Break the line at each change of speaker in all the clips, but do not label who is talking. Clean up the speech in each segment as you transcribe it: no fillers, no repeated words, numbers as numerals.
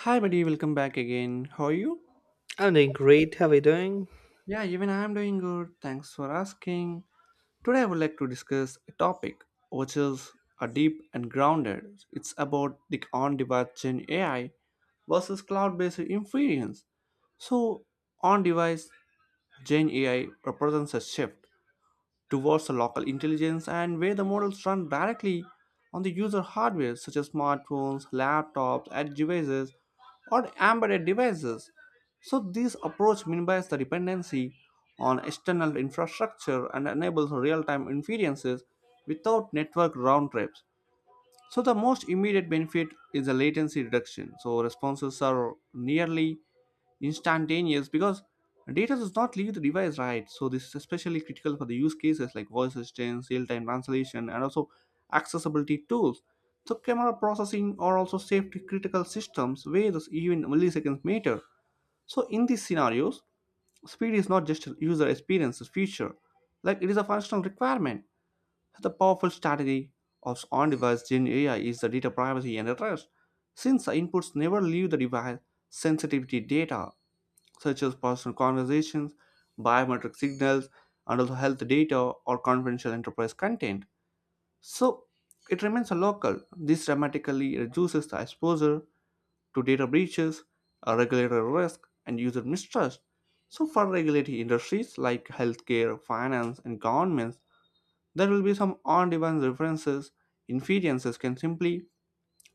Hi, buddy, welcome back again. How are you?
I'm doing great. How are you doing?
Yeah, even I am doing good. Thanks for asking. Today, I would like to discuss a topic which is a deep and grounded. It's about the on device Gen AI versus cloud based inference. So, on device Gen AI represents a shift towards the local intelligence and where the models run directly on the user hardware such as smartphones, laptops, edge devices, or embedded devices. So this approach minimizes the dependency on external infrastructure and enables real-time inferences without network round trips. So the most immediate benefit is the latency reduction. So responses are nearly instantaneous because data does not leave the device right. So this is especially critical for the use cases like voice assistance, real-time translation, and also accessibility tools. So camera processing or also safety critical systems where this even milliseconds matter. So in these scenarios, speed is not just a user experience feature, like it is a functional requirement. The powerful strategy of on-device Gen AI is the data privacy and trust. Since the inputs never leave the device, sensitivity data such as personal conversations, biometric signals, and also health data or confidential enterprise content. So it remains a local. This dramatically reduces the exposure to data breaches, a regulatory risk, and user mistrust. So for regulatory industries like healthcare, finance, and governments, there will be some on demand references. Inferences can simply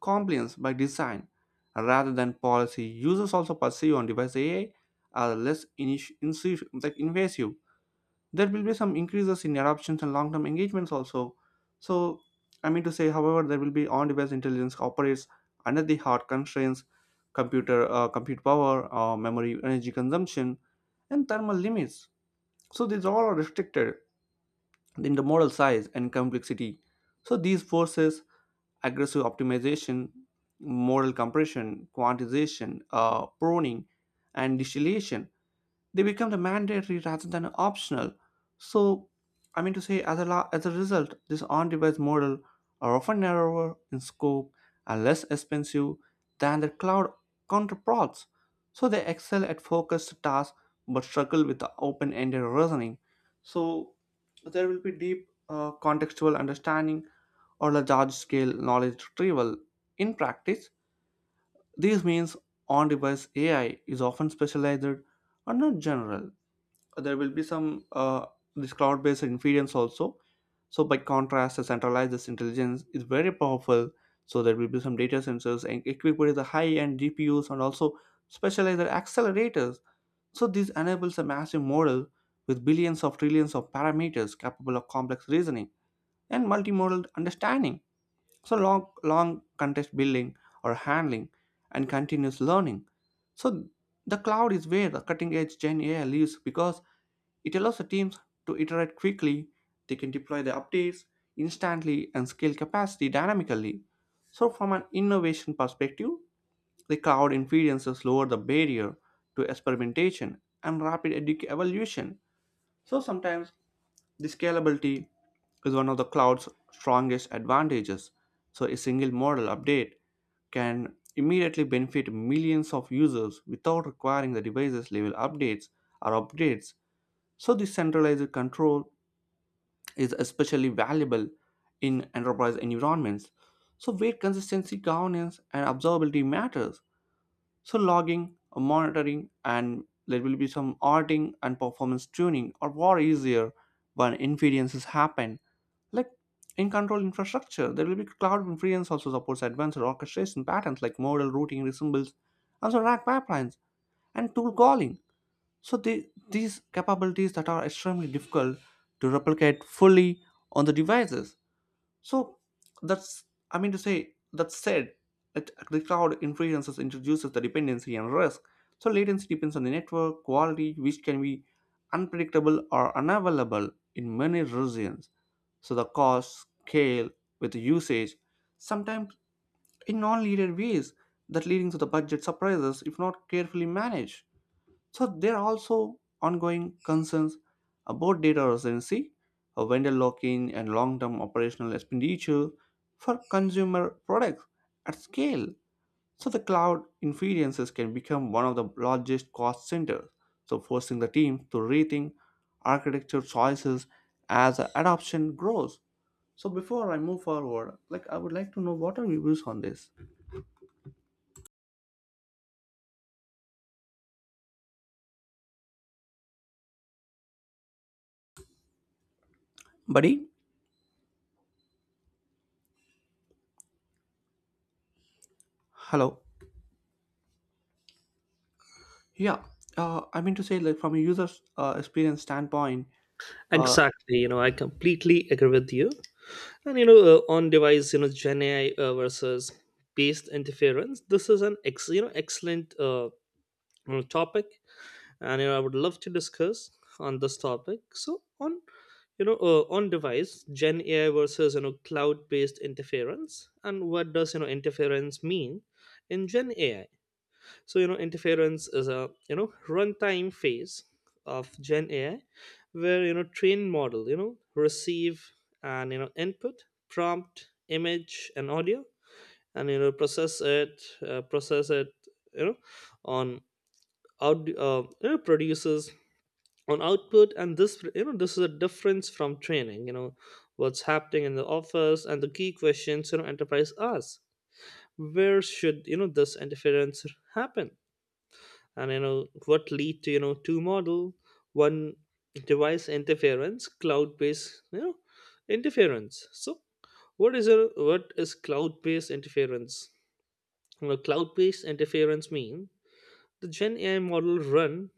compliance by design rather than policy. Users also perceive on device AI as less like invasive. There will be some increases in adoptions and long term engagements also. So, I mean to say, however, there will be on device intelligence operates under the hard constraints, compute power, memory, energy consumption, and thermal limits. So, these all are restricted in the model size and complexity. So these forces, aggressive optimization, model compression, quantization, pruning, and distillation, they become the mandatory rather than optional. So, I mean to say, as a result, this on-device model are often narrower in scope and less expensive than their cloud counterparts. So they excel at focused tasks but struggle with the open-ended reasoning. So there will be deep contextual understanding or the large scale knowledge retrieval. In practice, this means on device AI is often specialized or not general. There will be some this cloud-based inference also. So by contrast, the centralized this intelligence is very powerful. So there will be some data sensors and equipped with the high-end GPUs and also specialized accelerators. So this enables a massive model with billions of trillions of parameters capable of complex reasoning and multimodal understanding, so long long contest building or handling and continuous learning. So the cloud is where the cutting edge Gen AI lives, because it allows the teams to iterate quickly. They can deploy the updates instantly and scale capacity dynamically. So from an innovation perspective, the cloud inferences lower the barrier to experimentation and rapid evolution. So sometimes the scalability is one of the cloud's strongest advantages, so a single model update can immediately benefit millions of users without requiring the device's level updates or updates. So, this centralized control is especially valuable in enterprise environments. So, where consistency, governance, and observability matters. So logging, monitoring, and there will be some auditing and performance tuning are far easier when inferences happen. Like in control infrastructure, there will be cloud inference also supports advanced orchestration patterns like model routing resembles also rack pipelines and tool calling. So these capabilities that are extremely difficult to replicate fully on the devices. So that's I mean to say that said, the cloud inferences introduces the dependency and risk. So latency depends on the network quality, which can be unpredictable or unavailable in many regions. So the cost scale with the usage, sometimes in non-linear ways that leading to the budget surprises if not carefully managed. So there are also ongoing concerns about data residency, vendor lock-in, and long-term operational expenditure for consumer products at scale. So the cloud inferences can become one of the largest cost centers, so forcing the team to rethink architecture choices as adoption grows. So before I move forward, like I would like to know what are your views on this, buddy? Hello. Yeah, I mean to say, like from a user's experience standpoint, uh,
Exactly. I completely agree with you. On device, Gen AI versus based interference. This is an excellent, topic, and I would love to discuss on this topic. So on on device gen ai versus cloud based interference. And what does interference mean in gen ai? So interference is a runtime phase of Gen AI, where train model receive and input prompt, image, and audio, and process it you know on out produces on output, and this you know this is a difference from training. You know what's happening in the office and the key questions enterprise asks. Where should this interference happen? And what lead to two model, one device interference, cloud based interference. So what is cloud based interference? Well, cloud based interference mean the gen ai model run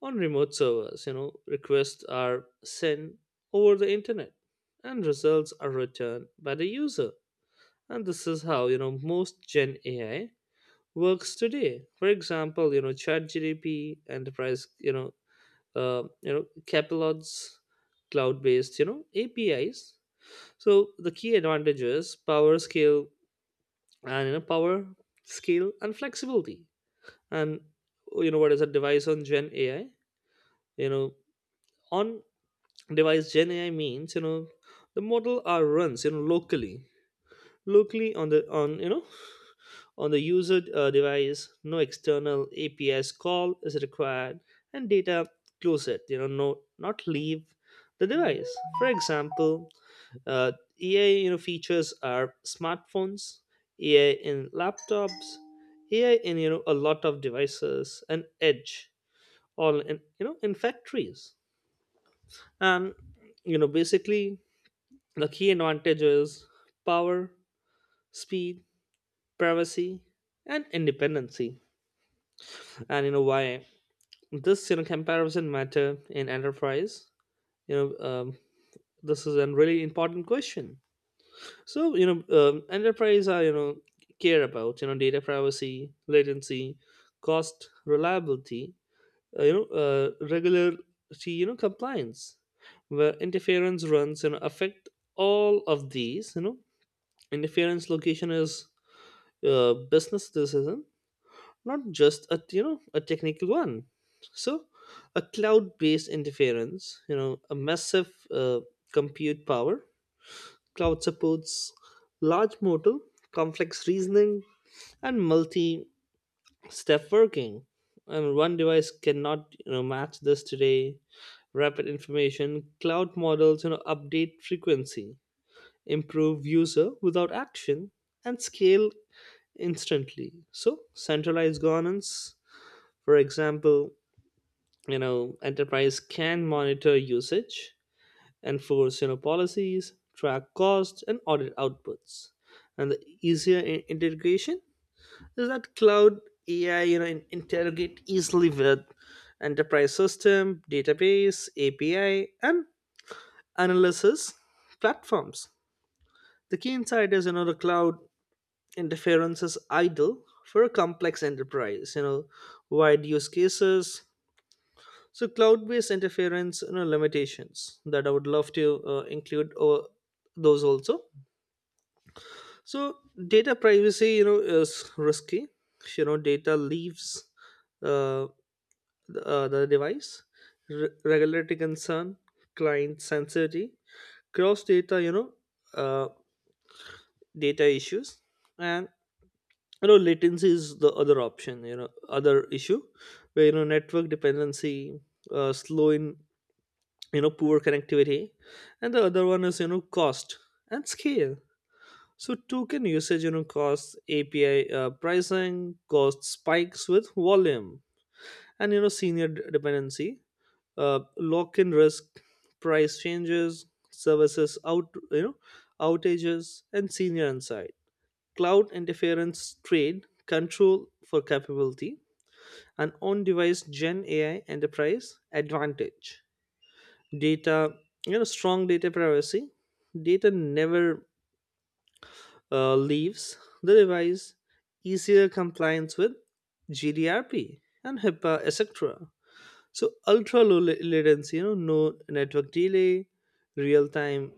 on remote servers. Requests are sent over the internet and results are returned by the user, and this is how most gen ai works today. For example, chat enterprise, Capilot's cloud-based APIs. So the key advantages: power, scale, and power, scale, and flexibility. And what is a device on Gen AI? You know on device Gen AI means the model are runs locally, locally on the on you know on the user, device. No external APIs call is required, and data close it. You know, no, not leave the device. For example, uh, AI features are smartphones, AI in laptops, AI in a lot of devices, and edge all in in factories. And basically the key advantage is power, speed, privacy, and independency. And why this comparison matter in enterprise? you know um, this is a really important question. So enterprise are care about data privacy, latency, cost, reliability, regularity, compliance. Where interference runs affect all of these. Interference location is business decision, not just a a technical one. So a cloud based interference, a massive compute power. Cloud supports large model, complex reasoning, and multi step working, and one device cannot match this today. Rapid information cloud models update frequency, improve user without action, and scale instantly. So centralized governance, for example, enterprise can monitor usage, enforce policies, track costs, and audit outputs. And the easier integration is that cloud ai interrogate easily with enterprise system, database, api, and analysis platforms. The key insight is the cloud interference is ideal for a complex enterprise wide use cases. So cloud-based interference, you know, limitations that I would love to include, those also. So data privacy, you know, is risky. You know, data leaves, uh, the device. Regulatory concern, client sensitivity, cross data, uh, data issues, and you know, latency is the other option. You know, other issue where network dependency, slow in poor connectivity. And the other one is cost and scale. So token usage, costs, api, pricing, cost spikes with volume, and senior dependency, lock in risk, price changes, services out, outages. And senior insight, cloud interference trade control for capability. And on device gen ai enterprise advantage: data, strong data privacy, data never leaves the device, easier compliance with gdrp and hipaa etc. So ultra low latency, no network delay, real time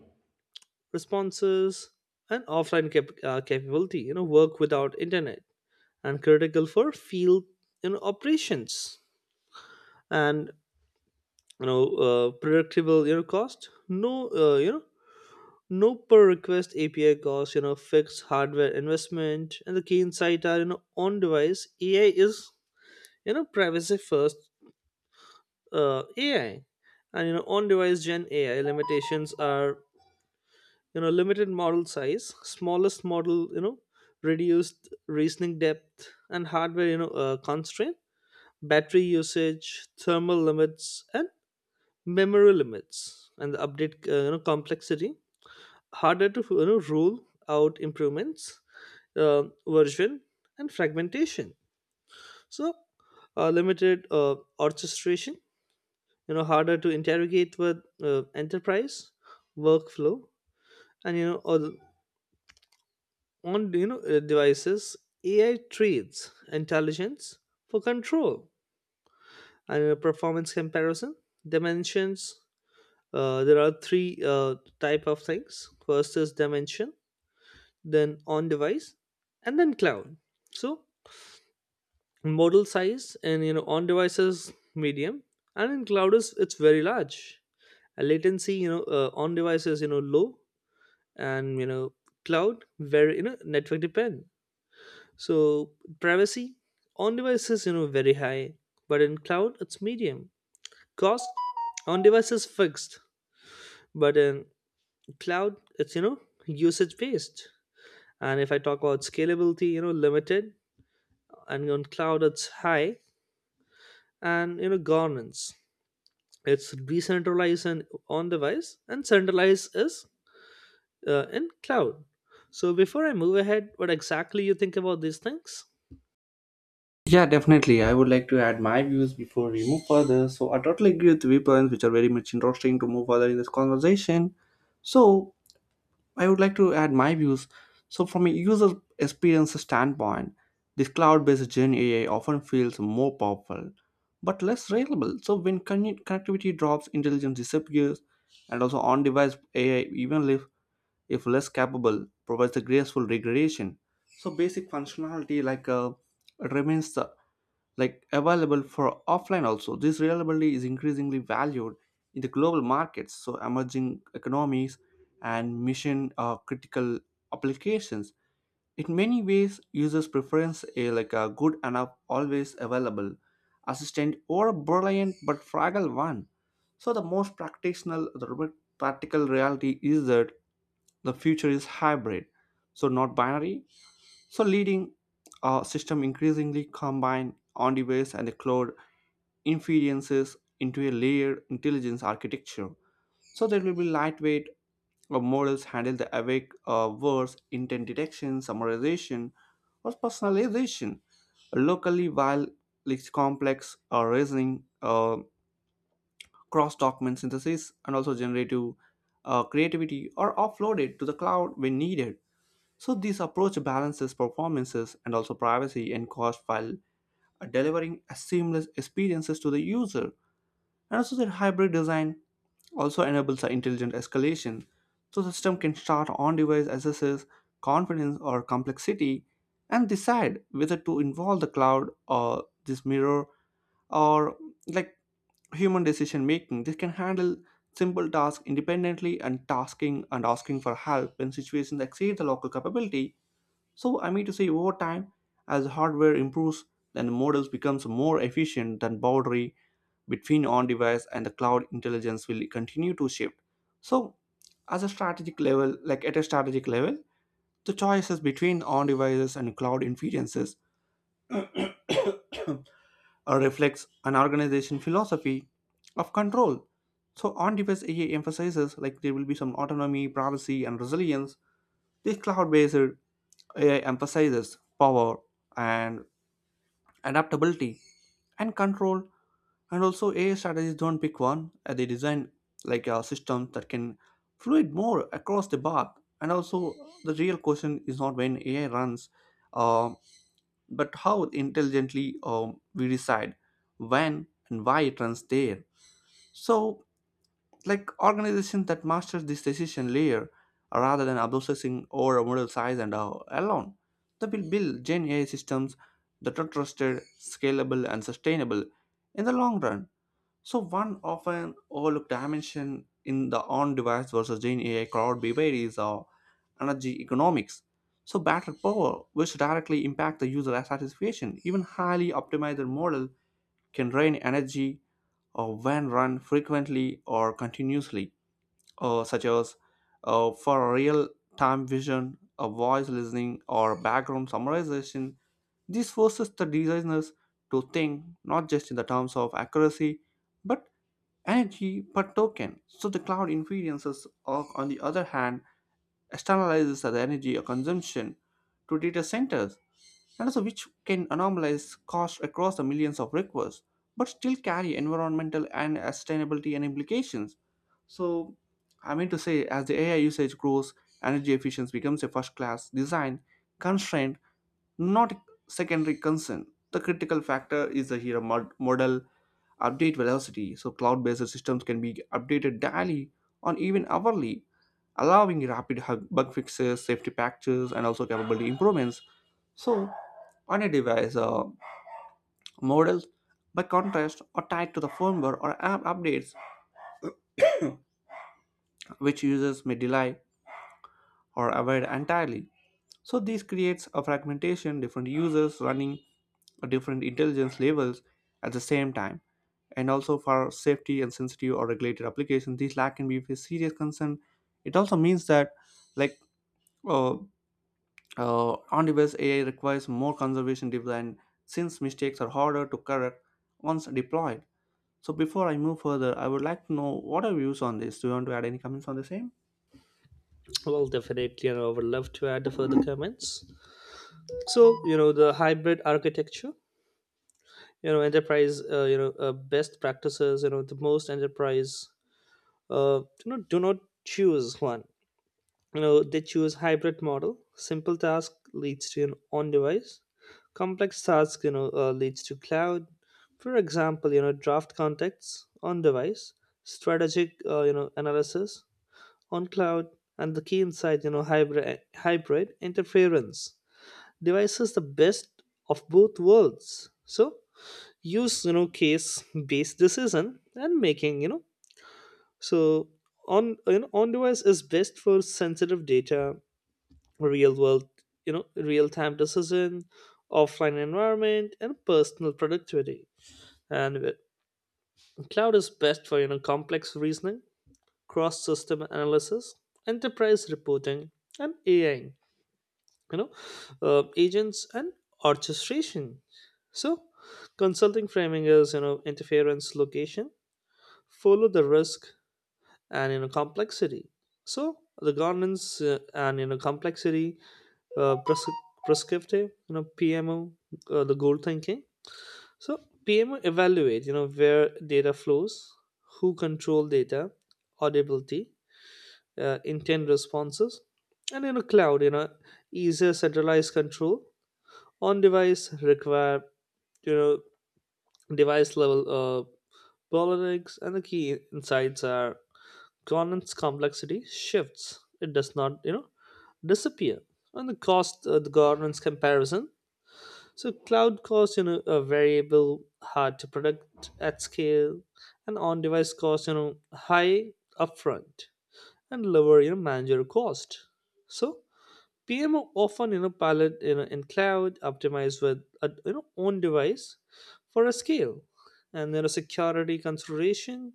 responses, and offline capability, work without internet and critical for field operations. And predictable cost, no no per request API costs. Fixed hardware investment. And the key insight are on device AI is privacy first AI. And on device Gen AI limitations are limited model size, smallest model reduced reasoning depth, and hardware constraint, battery usage, thermal limits, and memory limits. And the update complexity, harder to rule out improvements, version and fragmentation. So limited orchestration, harder to interrogate with enterprise workflow. And on, you know devices ai trades intelligence for control. And performance comparison dimensions, there are three type of things. First is dimension, then on device, and then cloud. So model size, and you know on devices medium, and in cloud is it's very large. Latency, on devices low and cloud very network depend. So privacy, on devices very high, but in cloud it's medium. Cost, on devices fixed, but in cloud it's usage based. And if I talk about scalability, limited, and on cloud it's high. And governance, it's decentralized and on device, and centralized is in cloud. So before I move ahead, what exactly you think about these things?
yeah, definitely. I would like to add my views before we move further. So I totally agree with the viewpoints, which are very much interesting to move further in this conversation. So I would like to add my views. So from a user experience standpoint, this cloud-based Gen AI often feels more powerful, but less reliable. So when connectivity drops, intelligence disappears, and also on-device AI, even if less capable, provides the graceful degradation. So basic functionality like remains the, like available for offline also. This reliability is increasingly valued in the global markets, so emerging economies and mission critical applications. In many ways, users preference a like a good enough, always available assistant or a brilliant but fragile one. So the most practical, the practical reality is that the future is hybrid, so not binary. So leading system increasingly combine on device and the cloud inferences into a layered intelligence architecture. So there will be lightweight models handle the awake words intent detection summarization or personalization locally, while it's complex reasoning, cross document synthesis and also generative creativity are offloaded to the cloud when needed. So, this approach balances performances and also privacy and cost while delivering a seamless experiences to the user. And also, that hybrid design also enables the intelligent escalation. So, the system can start on device assesses confidence or complexity and decide whether to involve the cloud or this mirror or like human decision making. This can handle simple tasks independently and tasking and asking for help when situations exceed the local capability. So I mean to say over time, as hardware improves, then the models becomes more efficient than boundary between on-device and the cloud intelligence will continue to shift. So as a strategic level, like at a strategic level, the choices between on-devices and cloud inferences reflects an organization philosophy of control. So on-device AI emphasizes like there will be some autonomy, privacy, and resilience. This cloud-based AI emphasizes power and adaptability and control. And also AI strategies don't pick one. They design like a system that can fluid more across the bar. And also the real question is not when AI runs, uh, but how intelligently we decide when and why it runs there. So like organizations that master this decision layer rather than obsessing over a model size and alone. They will build Gen AI systems that are trusted, scalable, and sustainable in the long run. So, one often overlooked dimension in the on device versus Gen AI cloud debate is energy economics. So, battery power, which directly impact the user satisfaction, even highly optimized model can drain energy or when run frequently or continuously, such as for real time vision, a voice listening, or background summarization. This forces the designers to think not just in the terms of accuracy but energy per token. So the cloud inferences, on the other hand, externalizes the energy consumption to data centers and also which can anomalize cost across the millions of requests but still carry environmental and sustainability and implications. So I mean to say as the AI usage grows, energy efficiency becomes a first class design constraint, not a secondary concern. The critical factor is the model update velocity. So cloud based systems can be updated daily or even hourly, allowing rapid bug fixes, safety patches, and also capability improvements. So on a device models, by contrast, are tied to the firmware or app updates, which users may delay or avoid entirely. So this creates a fragmentation, different users running different intelligence levels at the same time. And also for safety and sensitive or regulated applications, this lack can be a serious concern. It also means that like, uh, on-device AI requires more conservation design, since mistakes are harder to correct once deployed. So before I move further, I would like to know what are views on this. Do you want to add any comments on the same?
Well, definitely, and I would love to add further comments. So the hybrid architecture, enterprise best practices. The most enterprise do not choose one. They choose hybrid model. Simple task leads to an on device, complex task leads to cloud. For example, draft contacts on device, strategic analysis on cloud. And the key insight, hybrid interference device is the best of both worlds. So use case based decision and making, so on you know on device is best for sensitive data, real world, real time decision, offline environment, and personal productivity. and with- Cloud is best for complex reasoning, cross system analysis, enterprise reporting, and ai, know agents, and orchestration. So consulting framing is interference location follow the risk and complexity. So the governance and you know complexity, uh, pres- prescriptive, you know, PMO, the goal thinking. So PMO evaluate, you know, where data flows, who control data, audibility, intent responses. And in a cloud, you know, easier centralized control. On device require, you know, device level, politics. And the key insights are governance complexity shifts. It does not, you know, disappear. And the cost, the governance comparison. So cloud costs, you know, a variable, hard to predict at scale, and on-device costs, you know, high upfront and lower, you know, manager cost. So PMO often, you know, pilot, you know, in cloud, optimize with a, you know, own device for a scale. And then a security consideration,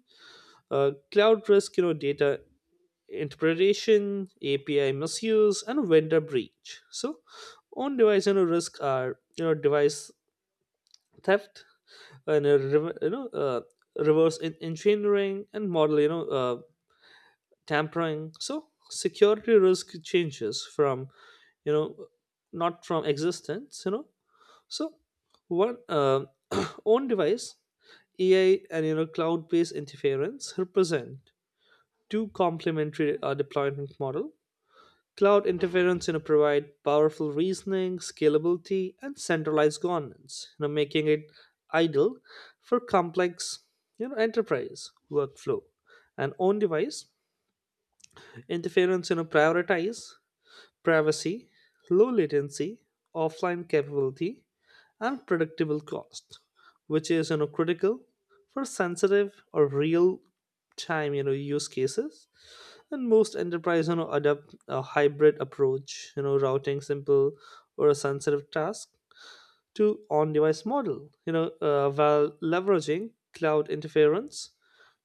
cloud risk, you know, data interpretation, API misuse, and vendor breach. So on-device, you know, risk are, you know, device theft, and reverse engineering, and model, tampering. So security risk changes from, you know not from existence, you know. So one, own device ai and cloud based interference represent two complementary deployment model. Cloud interference, you know, provide powerful reasoning, scalability, and centralized governance, you know, making it ideal for complex, you know, enterprise workflow. And on-device interference, you know, prioritize privacy, low latency, offline capability, and predictable cost, which is you know, critical for sensitive or real-time, you know, use cases. And most enterprise adopt a hybrid approach, routing simple or a sensitive task to on device model, while leveraging cloud interference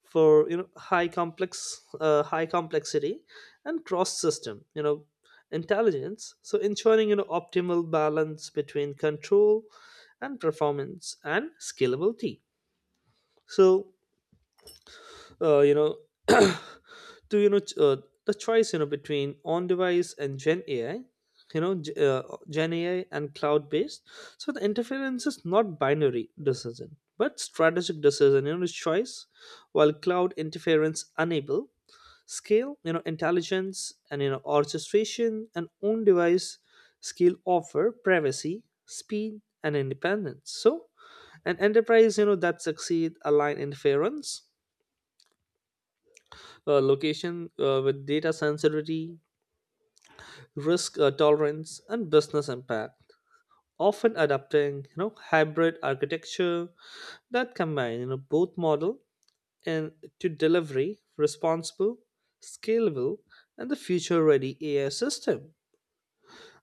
for high complexity and cross system, intelligence. So ensuring optimal balance between control and performance and scalability. So uh, you know to the choice between on device and gen ai, you know G- uh, gen ai and cloud based. So the interference is not binary decision but strategic decision, choice. While cloud interference unable scale, intelligence and orchestration, and on device scale offer privacy, speed, and independence. So an enterprise that succeed align interference location with data sensitivity, risk tolerance, and business impact, often adapting hybrid architecture that combine both model and to delivery responsible, scalable, and the future ready ai system.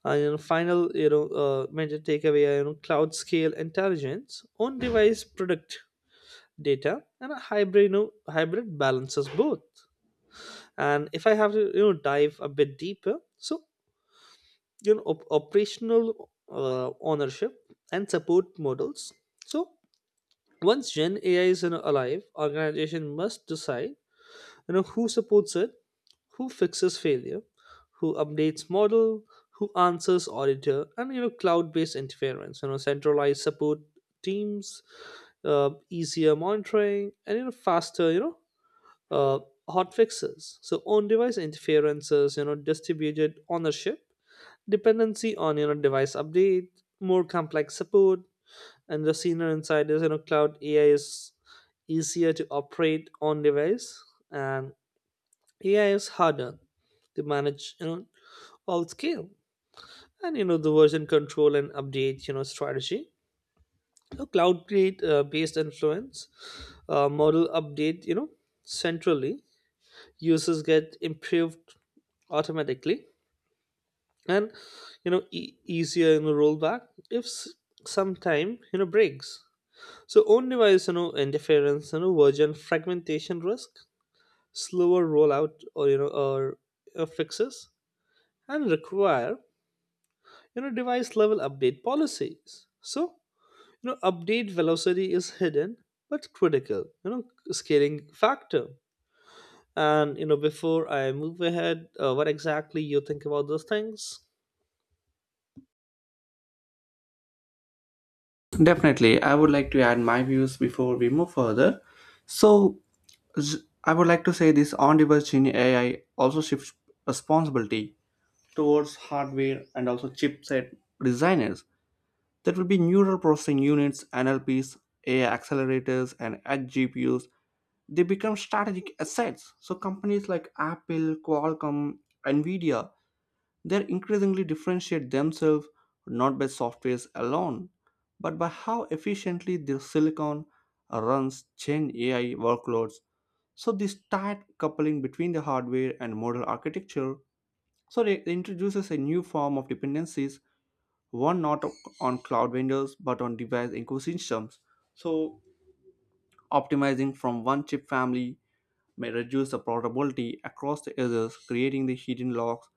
And you know, final, major takeaway are, you know cloud scale intelligence on device product data, and a hybrid, hybrid balances both. And if I have to dive a bit deeper, so operational ownership and support models. So once gen ai is you know, alive, organization must decide who supports it, who fixes failure, who updates model, who answers auditor. And cloud based interference, centralized support teams, easier monitoring, and faster, uh, hot fixes. So on device interferences, distributed ownership, dependency on device update, more complex support. And the senior inside is, cloud ai is easier to operate, on device and ai is harder to manage, all scale. And the version control and update, strategy. So cloud create based influence, model update, centrally, users get improved automatically, and easier in the rollback if sometime breaks. So on device, interference, version fragmentation risk, slower rollout or fixes, and require device level update policies. So update velocity is hidden but critical, scaling factor. And before I move ahead, what exactly you think about those things?
Definitely, I would like to add my views before we move further. So, I would like to say this on-device Gen AI also shifts responsibility towards hardware and also chipset designers. There will be neural processing units, NLPs, AI accelerators, and edge GPUs. They become strategic assets. So, companies like Apple, Qualcomm, Nvidia, they increasingly differentiate themselves not by softwares alone, but by how efficiently their silicon runs Gen AI workloads. So this tight coupling between the hardware and model architecture, so it introduces a new form of dependencies, one not on cloud vendors but on device ecosystems. So optimizing from one chip family may reduce the portability across the others, creating the hidden locks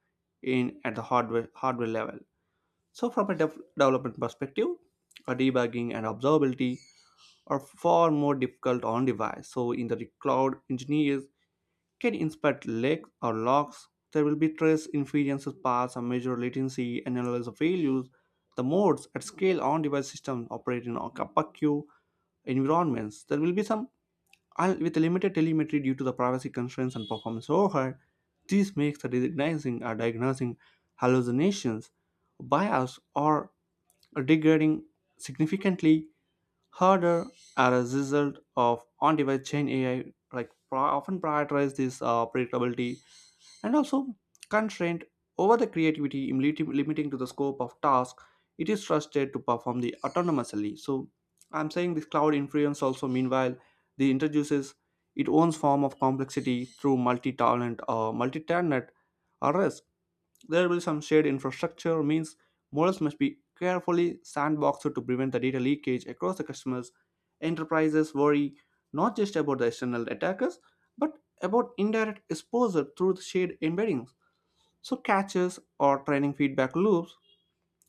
in at the hardware level. So, from a development perspective, debugging and observability are far more difficult on device. So, in the cloud, engineers can inspect leaks or logs. There will be trace inferences paths and measure latency, analyze the failures. The modes at scale on device systems operate in a queue environments. There will be some with limited telemetry due to the privacy constraints and performance overhead. This makes the recognizing or diagnosing hallucinations, bias, or degrading significantly harder as a result of on-device chain AI like often prioritize this predictability and also constraint over the creativity limiting to the scope of task it is trusted to perform the autonomously. So I'm saying this cloud influence also meanwhile the introduces its own form of complexity through multi-talent or multi-tenant arrays. There will be some shared infrastructure means models must be carefully sandboxed to prevent the data leakage across the customers. Enterprises worry not just about the external attackers, but about indirect exposure through the shared embeddings. So catches or training feedback loops,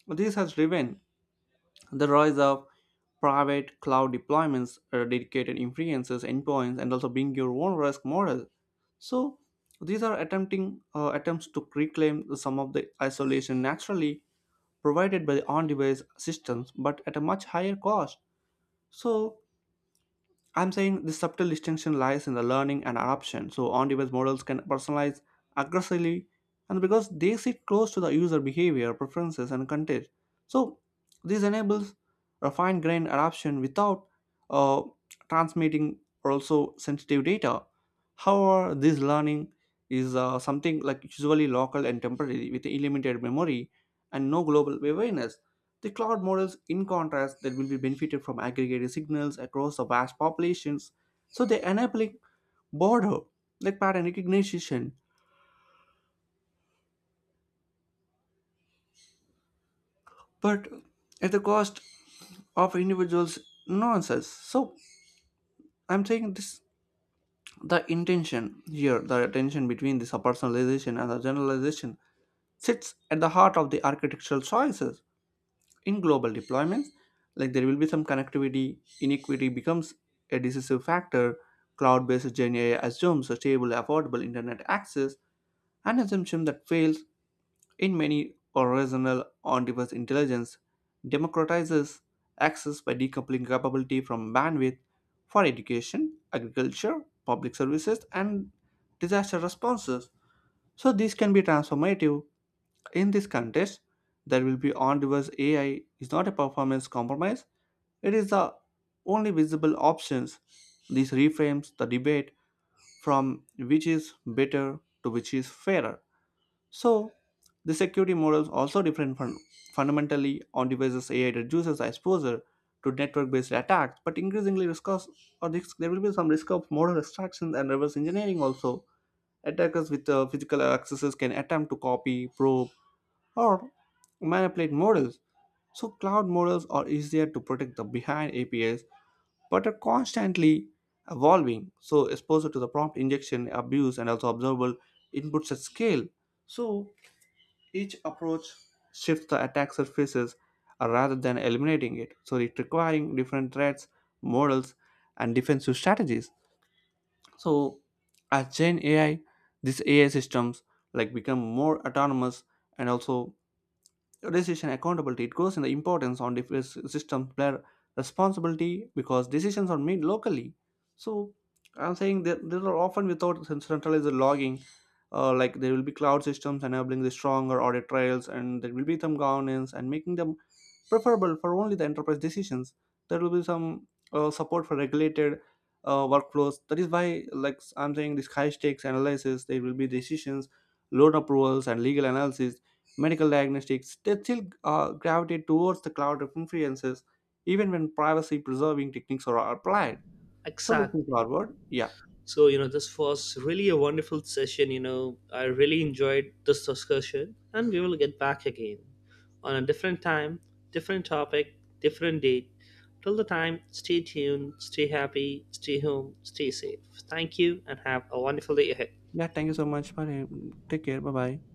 this has driven the rise of private cloud deployments, dedicated inferences, endpoints, and also being your own risk model. So these are attempting attempts to reclaim some of the isolation naturally provided by the on-device systems, but at a much higher cost. So I'm saying the subtle distinction lies in the learning and adoption. So on-device models can personalize aggressively, and because they sit close to the user behavior, preferences, and context. So this enables a fine-grained adoption without uh, transmitting also sensitive data. However, this learning is something like usually local and temporary, with limited memory and no global awareness. The cloud models, in contrast, that will be benefited from aggregated signals across the vast populations, so they enabling border like pattern recognition, but at the cost of individuals' nuances. So I'm saying this the intention here, the tension between this personalization and the generalization sits at the heart of the architectural choices. In global deployments, like there will be some connectivity inequity becomes a decisive factor. Cloud-based Gen AI assumes a stable affordable internet access, an assumption that fails in many horizontal, on-device intelligence democratizes access by decoupling capability from bandwidth. For education, agriculture, public services, and disaster responses, so these can be transformative. In this contest, there will be on device AI is not a performance compromise, it is the only visible options. This reframes the debate from which is better to which is fairer. So, the security models also different from fundamentally on devices AI reduces the exposure to network-based attacks, but increasingly risk of- or risk, there will be some risk of model extraction and reverse engineering also. Attackers with physical accesses can attempt to copy, probe, or manipulate models. So cloud models are easier to protect the behind APIs, but are constantly evolving. So exposure to the prompt injection, abuse, and also observable inputs at scale. So each approach shifts the attack surfaces rather than eliminating it. So it requiring different threats, models, and defensive strategies. So as Gen AI, these AI systems like become more autonomous and also decision accountability it goes in the importance on different systems where responsibility because decisions are made locally. So I'm saying that there are often without centralized logging, like there will be cloud systems enabling the stronger audit trails and there will be some governance and making them preferable for only the enterprise decisions. There will be some support for regulated workflows. That is why like I'm saying this high stakes analysis there will be decisions, loan approvals and legal analysis, medical diagnostics, they still gravitate towards the cloud of inferences, even when privacy preserving techniques are applied. So, looking
Exactly.
forward, yeah.
So, you know, this was really a wonderful session. You know, I really enjoyed this discussion, and we will get back again on a different time, different topic, different date. Till the time, stay tuned, stay happy, stay home, stay safe. Thank you, and have a wonderful day ahead.
Yeah, thank you so much. Bye. Take care. Bye bye.